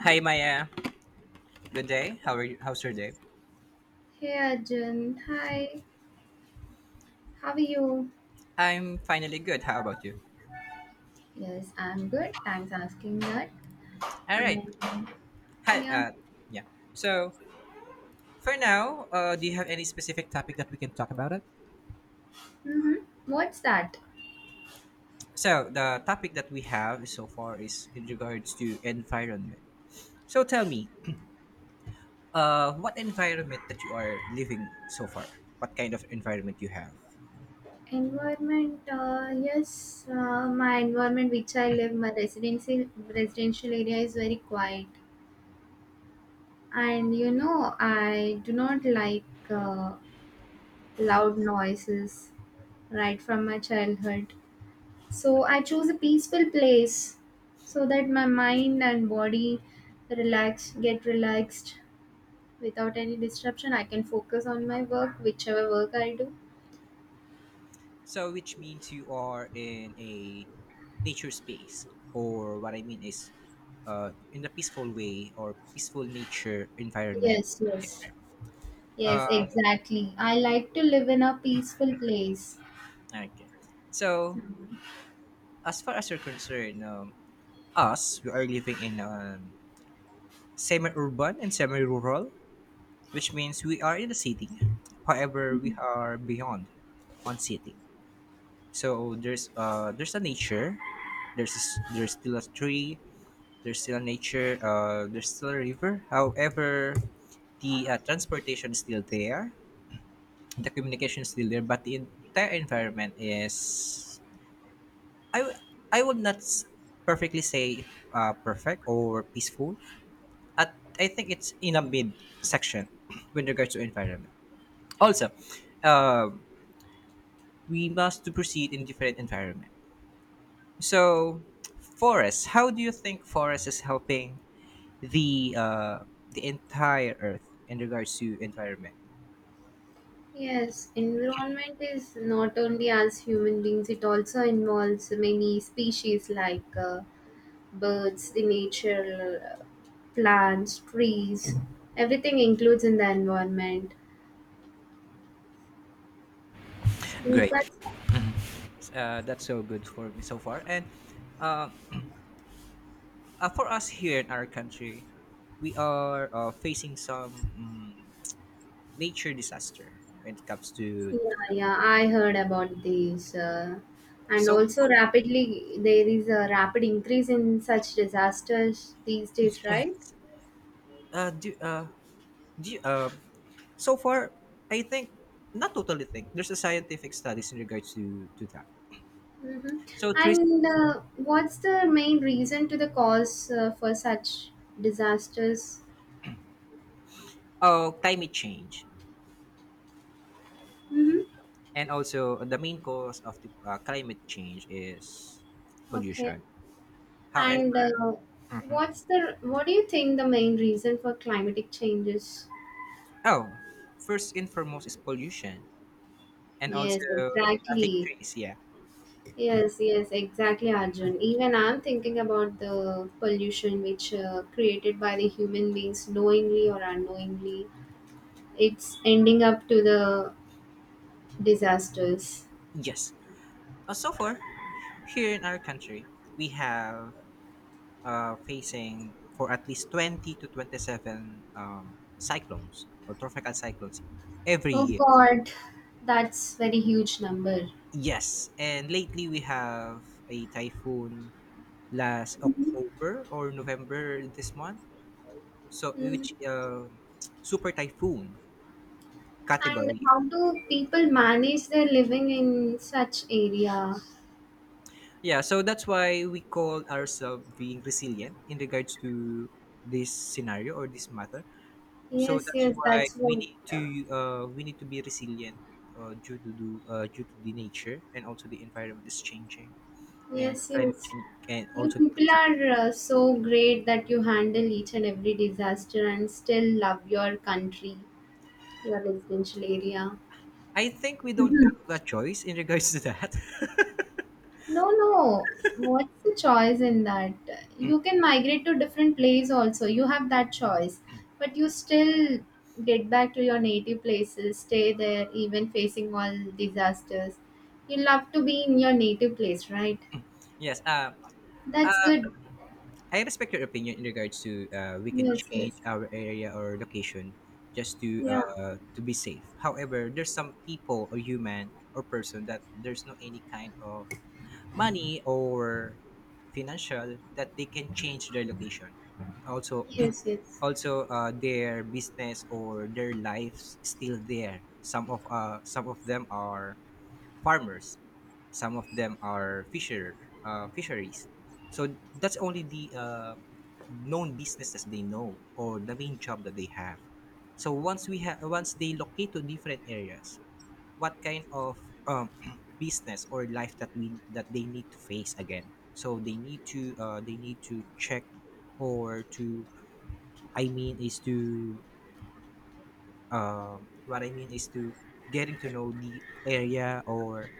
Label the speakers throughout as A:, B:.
A: Hi Maya, good day. How are you? How's your day?
B: Hey Arjun, hi, how are you?
A: I'm finally good. How about you?
B: Yes, I'm good. Thanks asking that.
A: All right.
B: And
A: Hi.
B: yeah,
A: Yeah. So for now, do you have any specific topic that we can talk about it?
B: mm-hmm. What's that?
A: So the topic that we have so far is in regards to environment. So tell me, what environment that you are living so far? What kind of environment you have?
B: Environment, yes, my environment which I live, my residential area is very quiet. And you know, I do not like loud noises right from my childhood. So I choose a peaceful place so that my mind and body get relaxed without any disruption. I can focus on my work, whichever work I do.
A: So, which means you are in a nature space, or what I mean is, in the peaceful way or peaceful nature environment.
B: Yes, yes.
A: Uh,
B: Yes, exactly. I like to live in a peaceful place.
A: okay. So, as far as you're concerned, us, we are living in semi urban and semi rural, which means we are in the city. However, we are beyond on city. So, there's a nature, there's still a tree, there's still nature, there's still a river. However, the transportation is still there, the communication is still there, but the entire environment is, i w- I would not perfectly say perfect or peaceful. At I think it's in a mid section with regards to environment. Also, um we must to proceed in different environment. So, forests, how do you think forests is helping the, entire earth in regards to environment?
B: Yes, environment is not only us human beings, it also involves many species like birds, the nature, uh, plants, trees. Everything includes in the environment. Is
A: Great.
B: that so?
A: That's so good for me so far. And um, for us here in our country, we are facing some nature disaster when it comes to.
B: Yeah, yeah, I heard about this. And
A: so
B: also,
A: uh,
B: rapidly, there is a rapid increase in such disasters these days, right?
A: yes, uh, do uh, do you, so far, I think, not totally think, there's a scientific studies in regards to that. So,
B: Mm-hmm.
A: trees,
B: And what's the main reason to the cause for such disasters?
A: climate change.
B: Mm-hmm.
A: And also, the main cause of the, climate change is
B: Okay.
A: pollution.
B: And
A: However, mhm.
B: what's the what do you think the main reason for climatic changes?
A: Oh, first and foremost is pollution, and also
B: Yes,
A: static
B: exactly.
A: trees. Yeah,
B: Yes, yes, exactly, Arjun. Even I'm thinking about the pollution which created by the human beings, knowingly or unknowingly. It's ending up to the disasters.
A: yes. So far, here in our country, we have facing for at least 20 to 27 cyclones or tropical cyclones every
B: Oh
A: year.
B: God, that's very huge number.
A: Yes, and lately we have a typhoon last October or November this month, so
B: Mm.
A: which, super typhoon
B: And
A: category.
B: how do people manage their living in such area?
A: Yeah, so that's why we call ourselves being resilient in regards to this scenario or this matter. So
B: Yes,
A: that's
B: yes,
A: why
B: That's
A: we
B: what.
A: need to, be resilient, due to the nature, and also the environment is changing, and
B: Yes,
A: climate
B: yes.
A: change, and
B: You
A: also the
B: people
A: climate.
B: are so great that you handle each and every disaster and still love your country, your residential area.
A: I think we don't
B: Mhm.
A: have a choice in regards to that.
B: No, no. What's the choice in that? You can migrate to different place also. You have that choice. But you still get back to your native places, stay there even facing all disasters. You love to be in your native place, right?
A: Yes.
B: That's good.
A: I respect your opinion in regards to, we can
B: Yes,
A: change
B: yes.
A: our area or location just to,
B: Yeah.
A: to be safe. However, there's some people or human or person that there's no any kind of money or financial that they can change their location. Also,
B: Yes, yes.
A: also, their business or their lives still there. Some of them are farmers. Some of them are fisheries. So that's only the, known businesses they know, or the main job that they have. So once we have once they locate to different areas, what kind of um, business or life that we that they need to face again? So they need to, check or to, I mean is to, what I mean is to getting to know the area, or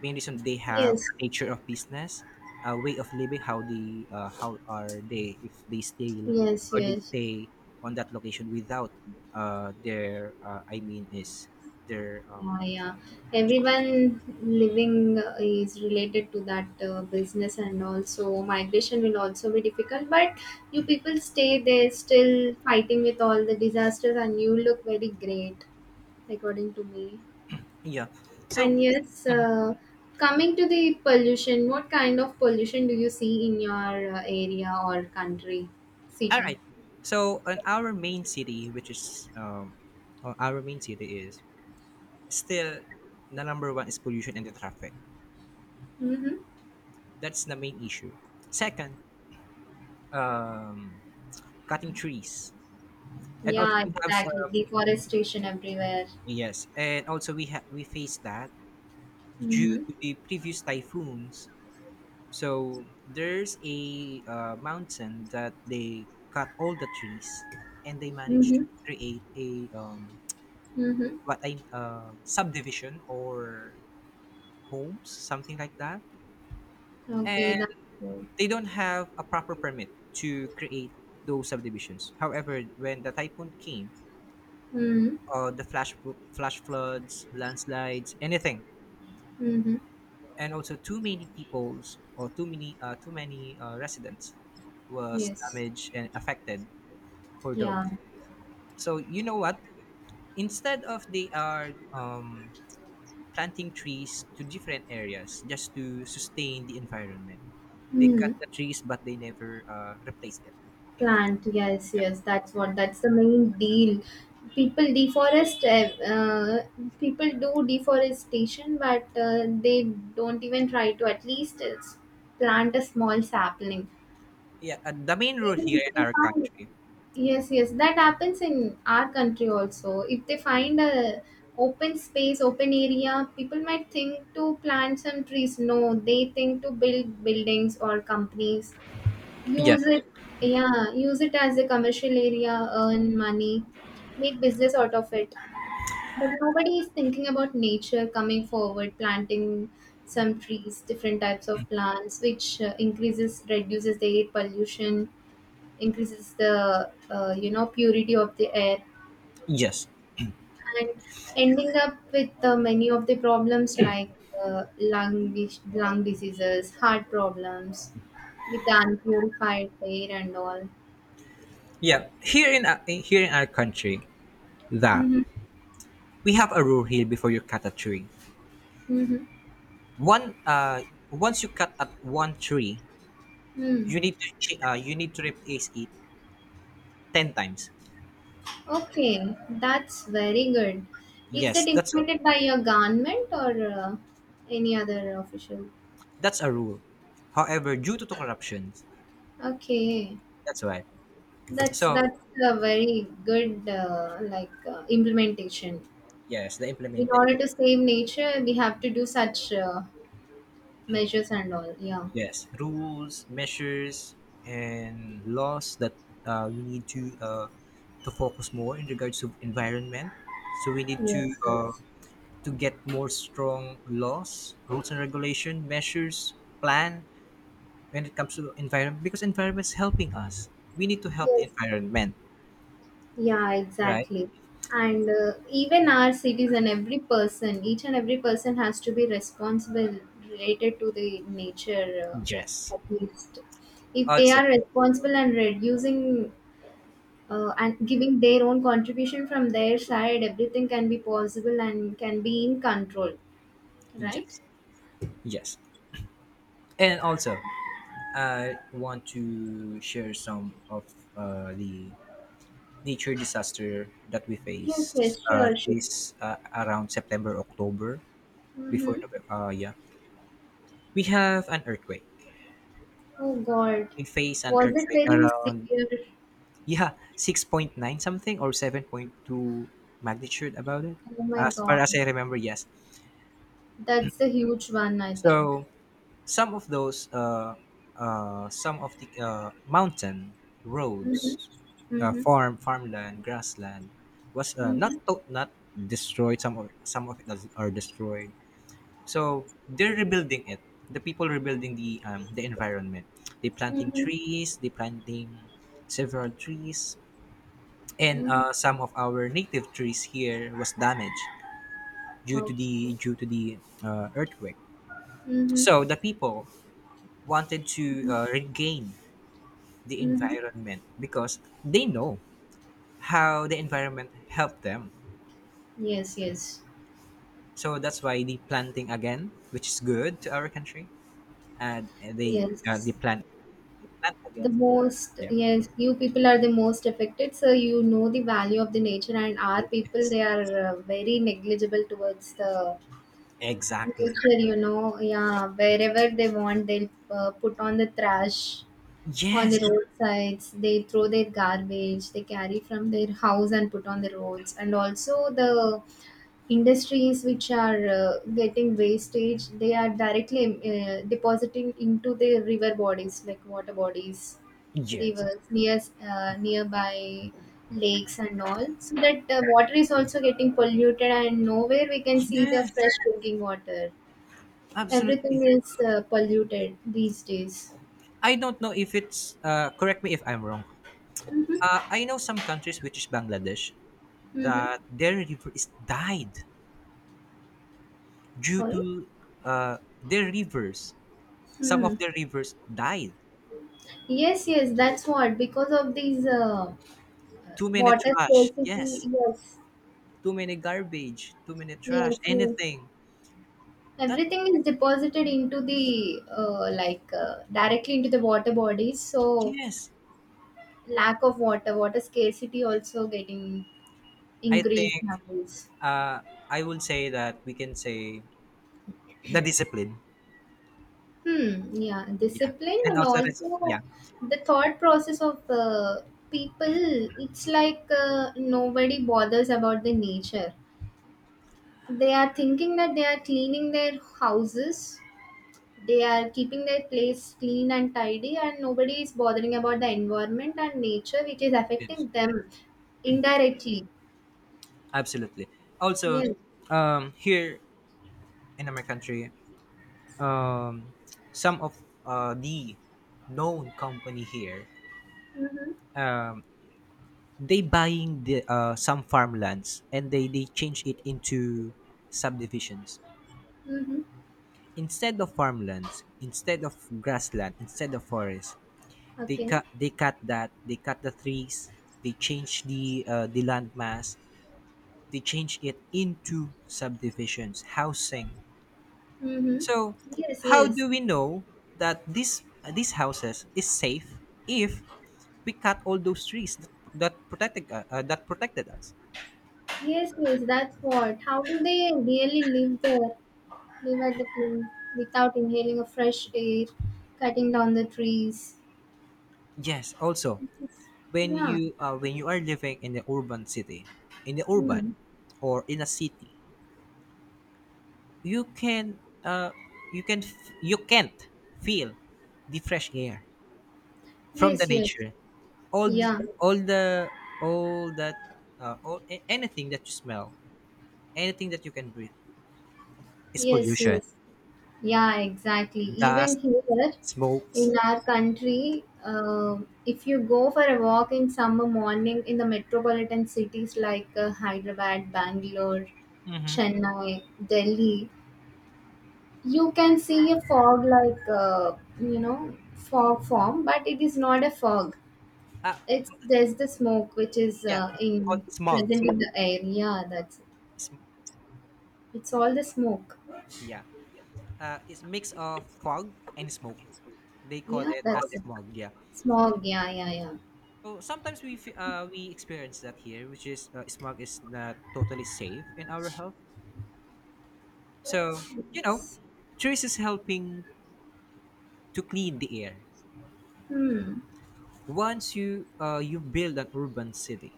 A: main reason they have
B: Yes,
A: nature of business, a way of living, how they, how are they if they stay
B: yes,
A: or they
B: yes.
A: stay on that location without, their, I mean is their,
B: Yeah, yeah. Everyone living is related to that business, and also migration will also be difficult. But you people stay there, still fighting with all the disasters, and you look very great, according to me.
A: yeah. So
B: And yes,
A: mhm,
B: coming to the pollution, what kind of pollution do you see in your area or country,
A: all
B: city?
A: right. So on our main city, which is, our main city is still, the number one is pollution and the traffic.
B: Mm-hmm.
A: That's the main issue. Second, um, cutting trees, and also
B: Yeah,
A: we have,
B: exactly. Deforestation everywhere.
A: yes, and also we, we faced that due
B: Mhm.
A: to the previous typhoons. So there's a, mountain that they cut all the trees, and they managed to
B: Mhm.
A: create a,
B: Mhm.
A: what I subdivision or homes, something like that.
B: Okay,
A: And
B: that's true.
A: they don't have a proper permit to create those subdivisions. However, when the typhoon came,
B: Mhm.
A: the flash floods, landslides, anything.
B: Mhm.
A: And also, too many peoples, or too many, residents was
B: Yes.
A: damaged and affected for
B: Yeah.
A: those. So you know what, instead of they are, planting trees to different areas just to sustain the environment, they cut
B: Mhm.
A: the trees but they never, replace them.
B: Plant. Yes.
A: Yeah,
B: Yes. That's what. That's the main deal. People deforest. People do deforestation, but they don't even try to at least plant a small sapling.
A: yeah, the main rule
B: Even
A: here
B: if
A: in
B: they
A: our
B: find.
A: country.
B: Yes, yes, that happens in our country also. If they find a open space, open area, people might think to plant some trees. No, they think to build buildings or companies. Use
A: Yes,
B: it, yeah, use it as a commercial area, earn money, make business out of it. But nobody is thinking about nature coming forward, planting some trees, different types of plants, which increases, reduces the air pollution, increases the purity of the air,
A: yes,
B: and ending up with many of the problems like lung diseases, heart problems with the unpurified air and all.
A: yeah, here in, here in our country, that
B: Mm-hmm.
A: we have a rule here: before you cut a tree,
B: Mm-hmm.
A: One once you cut at one tree,
B: Mm.
A: you need to, replace it 10 times.
B: Okay, that's very good. Is
A: Yes,
B: that
A: that's a,
B: implemented by your government or any other official?
A: that's a rule. However, due to corruptions,
B: Okay.
A: that's why. So
B: That's a very good implementation.
A: yes, the
B: In
A: implementation.
B: order to save nature, we have to do such measures and all. Yeah.
A: Yes, rules, measures, and laws that, we need to, focus more in regards to environment. So we need to,
B: Yes.
A: uh,
B: Yes.
A: get more strong laws, rules and regulation, measures, plan, when it comes to environment, because environment is helping us. We need to help the
B: Yes.
A: environment,
B: Yeah.
A: right?
B: Exactly. And even our citizen, every person, each and every person has to be responsible related to the nature,
A: Yes.
B: at least. If they
A: Also,
B: are responsible and reducing and giving their own contribution from their side, everything can be possible and can be in control, right?
A: yes, yes, and also, I want to share some of, the nature disaster that we
B: Yes, yes,
A: face,
B: sure, sure.
A: this, around September, October, before
B: Mm-hmm.
A: November. Yeah, we have an earthquake.
B: Oh god.
A: We face an
B: Was it
A: earthquake
B: very
A: around,
B: severe?
A: yeah, 6.9 something, or 7.2 magnitude about it.
B: Oh my
A: As far
B: god.
A: as I remember, yes.
B: That's the huge one, I think.
A: So some of those, some of the mountain
B: Mm-hmm.
A: roads,
B: Mm-hmm.
A: farmland, grassland, was, not,
B: Mm-hmm.
A: not destroyed. Some of it does are destroyed. So they're rebuilding it. The people rebuilding the, environment. They planting
B: Mm-hmm.
A: trees. They planting several trees, and,
B: Mm-hmm.
A: some of our native trees here was damaged due to
B: Okay.
A: the, earthquake.
B: Mm-hmm.
A: So the people wanted to, regain the
B: Mm-hmm.
A: environment, because they know how the environment helped them.
B: Yes, yes,
A: So that's why they planting again, which is good to our country, and they, uh, they
B: yes.
A: plant they plant
B: The
A: again.
B: most,
A: Yeah.
B: yes, you people are the most affected, so you know the value of the nature. And our people,
A: Yes,
B: they are very negligible towards the
A: exactly.
B: nature, you know. Yeah, wherever they want, they'll put on the trash on the
A: Yes,
B: roadsides. They throw their garbage they carry from their house and put on the roads. And also the industries which are getting wastage, they are directly depositing into the river bodies, like water bodies,
A: yes,
B: rivers near, nearby lakes and all, so that water is also getting polluted, and nowhere we can see the
A: yes,
B: fresh drinking water.
A: absolutely.
B: Everything is polluted these days.
A: I don't know if it's, correct me if I'm wrong. I know some countries, which is Bangladesh,
B: Mm-hmm.
A: that their river is died due
B: Sorry.
A: to, uh, their rivers some of
B: Hmm.
A: the rivers died.
B: Yes, yes, that's what. Because of these
A: Too many
B: water
A: trash.
B: scarcity.
A: Yes.
B: Yes,
A: Too many garbage. Too many
B: yes,
A: trash.
B: yes.
A: Anything. That
B: Everything is deposited into the directly into the water bodies, so
A: yes.
B: lack of water, water scarcity also getting
A: I
B: increased
A: think,
B: nowadays.
A: uh I would say that we can say the discipline.
B: Hmm, yeah,
A: Yeah.
B: discipline.
A: And
B: And
A: also,
B: also
A: yeah.
B: the thought process of people. It's like nobody bothers about the nature. They are thinking that they are cleaning their houses. They are keeping their place clean and tidy, and nobody is bothering about the environment and nature, which is
A: Yes.
B: affecting them indirectly.
A: Absolutely. Also,
B: Yes.
A: here in our country, um some of, the known company here,
B: Mm-hmm.
A: um they buying the, some farmlands, and they change it into subdivisions,
B: Mm-hmm.
A: instead of farmlands, instead of grassland, instead of forest. they
B: Okay.
A: cut they cut that they cut the trees, they change the, land mass, they change it into subdivisions housing.
B: Mm-hmm.
A: So
B: Yes,
A: how
B: yes.
A: do we know that this, these houses is safe, if we cut all those trees that protected us?
B: Yes, yes, that's what. How do they really live there? Live at the place without inhaling a fresh air, cutting down the trees.
A: Yes, also,
B: Yes.
A: when
B: Yeah.
A: you, when you are living in the urban city, in the urban
B: Mm.
A: or in a city, you can, you can't feel the fresh air from the
B: Yes, yes.
A: nature. All the,
B: Yeah.
A: all the all that all a- anything that you smell, anything that you can breathe is
B: Yes,
A: pollution,
B: yes. Yeah, exactly. Even
A: dust,
B: here
A: smokes.
B: in our country, if you go for a walk in summer morning in the metropolitan cities like Hyderabad, Bangalore,
A: Mm-hmm.
B: Chennai, Delhi, you can see a fog like, fog form, but it is not a fog.
A: uh,
B: It's there's the smoke which is
A: yeah, called
B: in
A: smog.
B: present in the air. Yeah, that's it.
A: Smog,
B: It's all the smoke.
A: yeah, it's mix of fog and smoke, they call
B: Yeah,
A: it as
B: that's it.
A: smog. Yeah.
B: Smog. Yeah, yeah, yeah.
A: So sometimes we, we experience that here, which is, smog is not totally safe in our health. So, trees is helping to clean the air.
B: Hmm.
A: Once you, you build an urban city,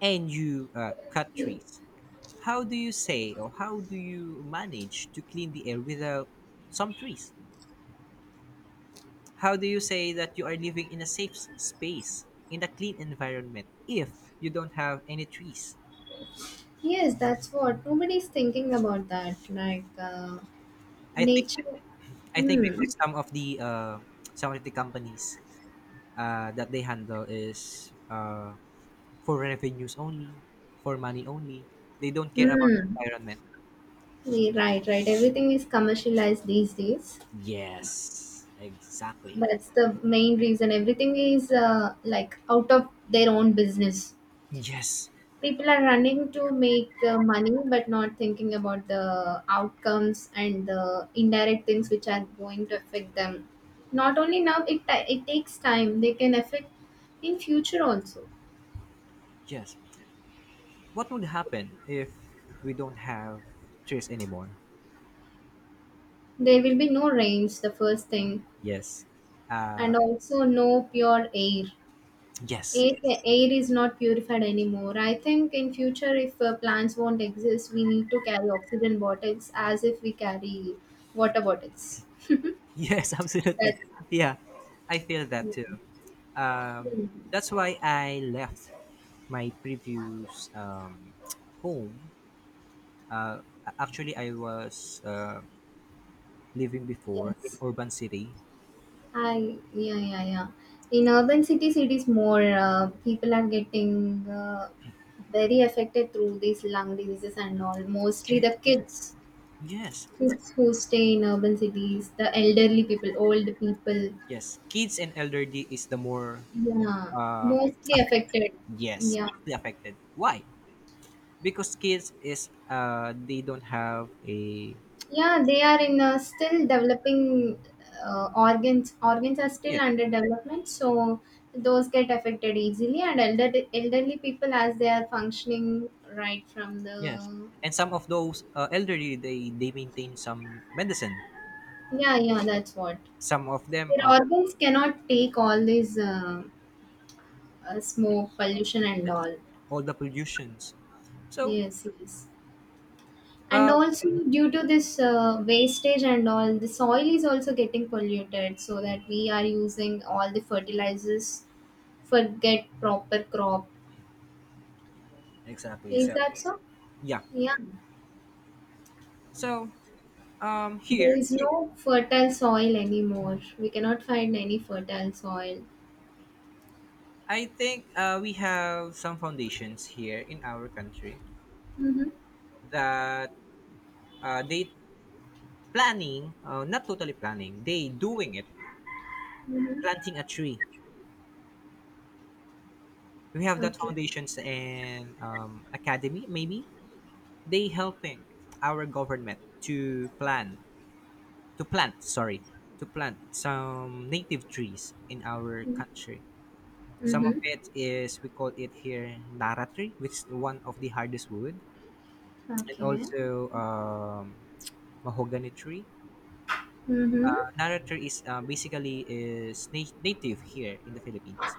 A: and you, cut trees, how do you say, or how do you manage to clean the air without some trees? How do you say that you are living in a safe, space in a clean environment, if you don't have any trees?
B: Yes, that's what, nobody's thinking about that. Like
A: I think
B: nature.
A: I think,
B: Hmm.
A: because some of the, companies, that they handle is, for revenues only, for money only. They don't care about the
B: Hmm.
A: environment.
B: Yeah, right. Right. Everything is commercialized these days.
A: Yes, exactly.
B: That's the main reason. Everything is out of their own business.
A: Yes,
B: People are running to make money, but not thinking about the outcomes and the indirect things which are going to affect them. Not only now, it takes time. They can affect in future also.
A: yes. What would happen if we don't have trees anymore?
B: There will be no rains, the first thing,
A: Yes.
B: and also no pure air.
A: Yes,
B: Air is not purified anymore. I think in future, if plants won't exist, we need to carry oxygen bottles as if we carry water bottles.
A: yes, absolutely.
B: That's,
A: Yeah, I feel that too. Um,
B: Hmm.
A: that's why I left my previous, home. Actually, I was, living before in
B: Yes.
A: urban city.
B: I Yeah, yeah, yeah. In urban cities, it is more people are getting very affected through these lung diseases and all. Mostly the
A: Yes,
B: kids.
A: yes,
B: Kids who stay in urban cities, the elderly people, old people,
A: yes. Kids and elderly is the more,
B: yeah,
A: uh,
B: mostly
A: affect-
B: affected.
A: yes,
B: Yeah,
A: mostly affected. Why? Because kids is, they don't have a,
B: yeah, they are in still developing organs. Organs are still
A: yes,
B: under development, so those get affected easily. And elderly people, as they are functioning right from
A: yes,
B: the,
A: and some of those, elderly, they maintain some medicine.
B: yeah, yeah, that's what,
A: Some of them
B: their
A: are
B: organs cannot take all this smoke, pollution, and all.
A: all the pollutions. So,
B: Yes, yes. And
A: uh,
B: also due to this wastage and all, the soil is also getting polluted, so that we are using all the fertilizers for get proper crop.
A: exactly.
B: Is
A: So,
B: that so?
A: yeah.
B: Yeah,
A: So,
B: there
A: here
B: is no fertile soil anymore, we cannot find any fertile soil.
A: I think, we have some foundations here in our country
B: Mm-hmm.
A: that, they planning, not totally planning, they doing it,
B: Mm-hmm.
A: planting a tree. We have that
B: Okay.
A: foundations and, academy maybe, they helping our government to plan to plant sorry to plant some native trees in our country. Some of
B: Mm-hmm.
A: it is we call it here nara tree, which is one of the hardest wood, and
B: Okay.
A: also, Mahogany tree.
B: Mm-hmm.
A: Narrator is, basically is, native here in the Philippines.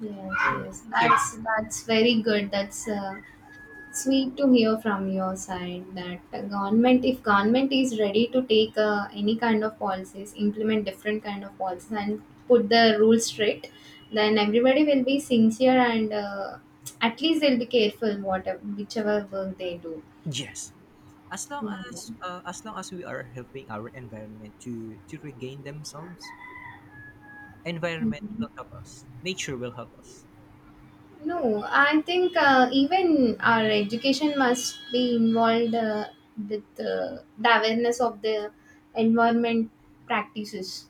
B: Yes,
A: And
B: yes,
A: here,
B: that's very good. That's sweet to hear from your side that the government, if government is ready to take any kind of policies, implement different kind of policies and put the rules straight, then everybody will be sincere and at least they'll be careful whatever whichever work they do.
A: yes, as long
B: Yeah.
A: as, as long as we are helping our environment to, regain themselves, environment will
B: Mhm.
A: help us. Nature will help us.
B: No, I think even our education must be involved with the awareness of the environment practices.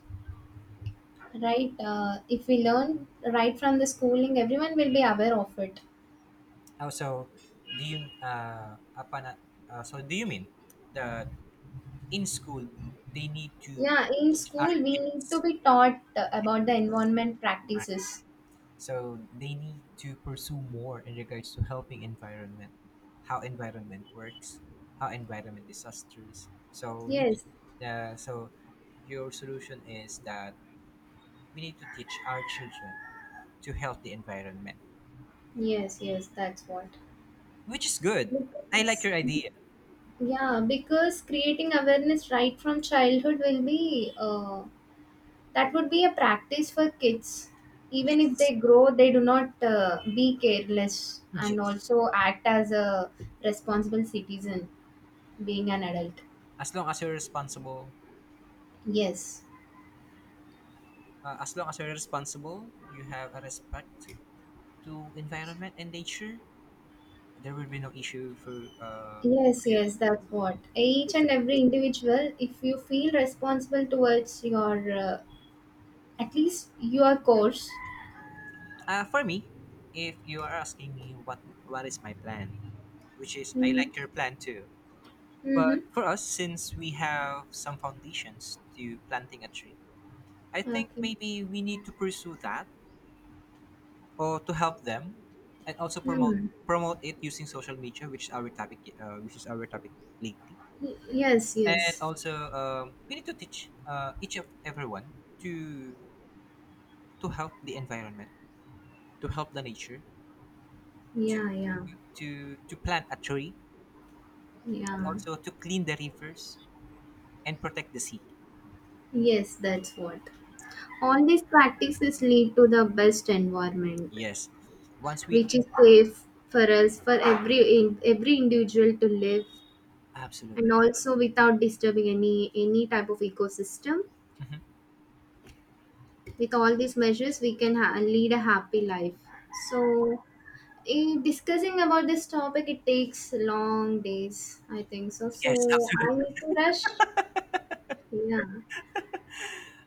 B: Right, if we learn right from the schooling, everyone will be aware of it.
A: Also, do you uh, upon, so do you mean that in school they need to
B: Yeah, in
A: teach our
B: school we need to
A: kids?
B: be taught
A: Okay,
B: about the environment
A: right.
B: practices.
A: So they need to pursue more in regards to helping environment, how environment works, how environment disasters. So we
B: Yes,
A: need, so your solution is that we need to teach our children to help the environment,
B: yes, yes, that's what.
A: which is good. I like
B: Because,
A: your idea.
B: yeah, because creating awareness right from childhood will be that would be a practice for kids. Even if
A: Yes,
B: they grow, they do not be careless and
A: yes.
B: also act as a responsible citizen being an adult.
A: As long as you're responsible,
B: Yes,
A: uh, as long as you're responsible, you have a respect to environment and nature. There will be no issue for, for
B: yes,
A: you
B: yes, that's
A: to.
B: what. Each and every individual, if you feel responsible towards your, at least your course.
A: For me, if you are asking me what is my plan, which is I
B: Mm-hmm.
A: like your plan too.
B: Mm-hmm.
A: But for us, since we have some foundations to planting a tree, I think
B: Okay.
A: maybe we need to pursue that, or to help them, and also
B: Hmm.
A: promote it using social media, which is our topic lately.
B: Yes,
A: And
B: yes.
A: also, we need to teach, each of everyone to, help the environment, to help the nature, to,
B: Yeah, yeah,
A: plant a tree,
B: yeah.
A: also to clean the rivers and protect the sea.
B: Yes, that's what. All these practices lead to the best environment,
A: Yes. Once we,
B: which is safe for us, for every individual to live, and
A: absolutely.
B: also without disturbing any type of ecosystem.
A: Mhm.
B: With all these measures we can lead a happy life. So in discussing about this topic, it takes long days, I think so, so
A: Yes, absolutely.
B: I need to rush. Yeah,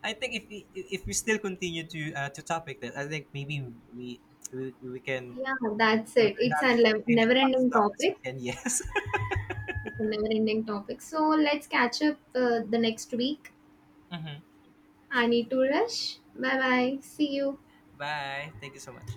A: I think if we still continue to, topic that, I think maybe we we can,
B: yeah, that's
A: we're
B: it, it's
A: not
B: a
A: finish
B: never
A: as
B: ending
A: long as we
B: topic.
A: can. Yes.
B: It's a never ending topic, so let's catch up the next week.
A: hmm.
B: I need to rush, bye bye, see you.
A: Bye. Thank you so much.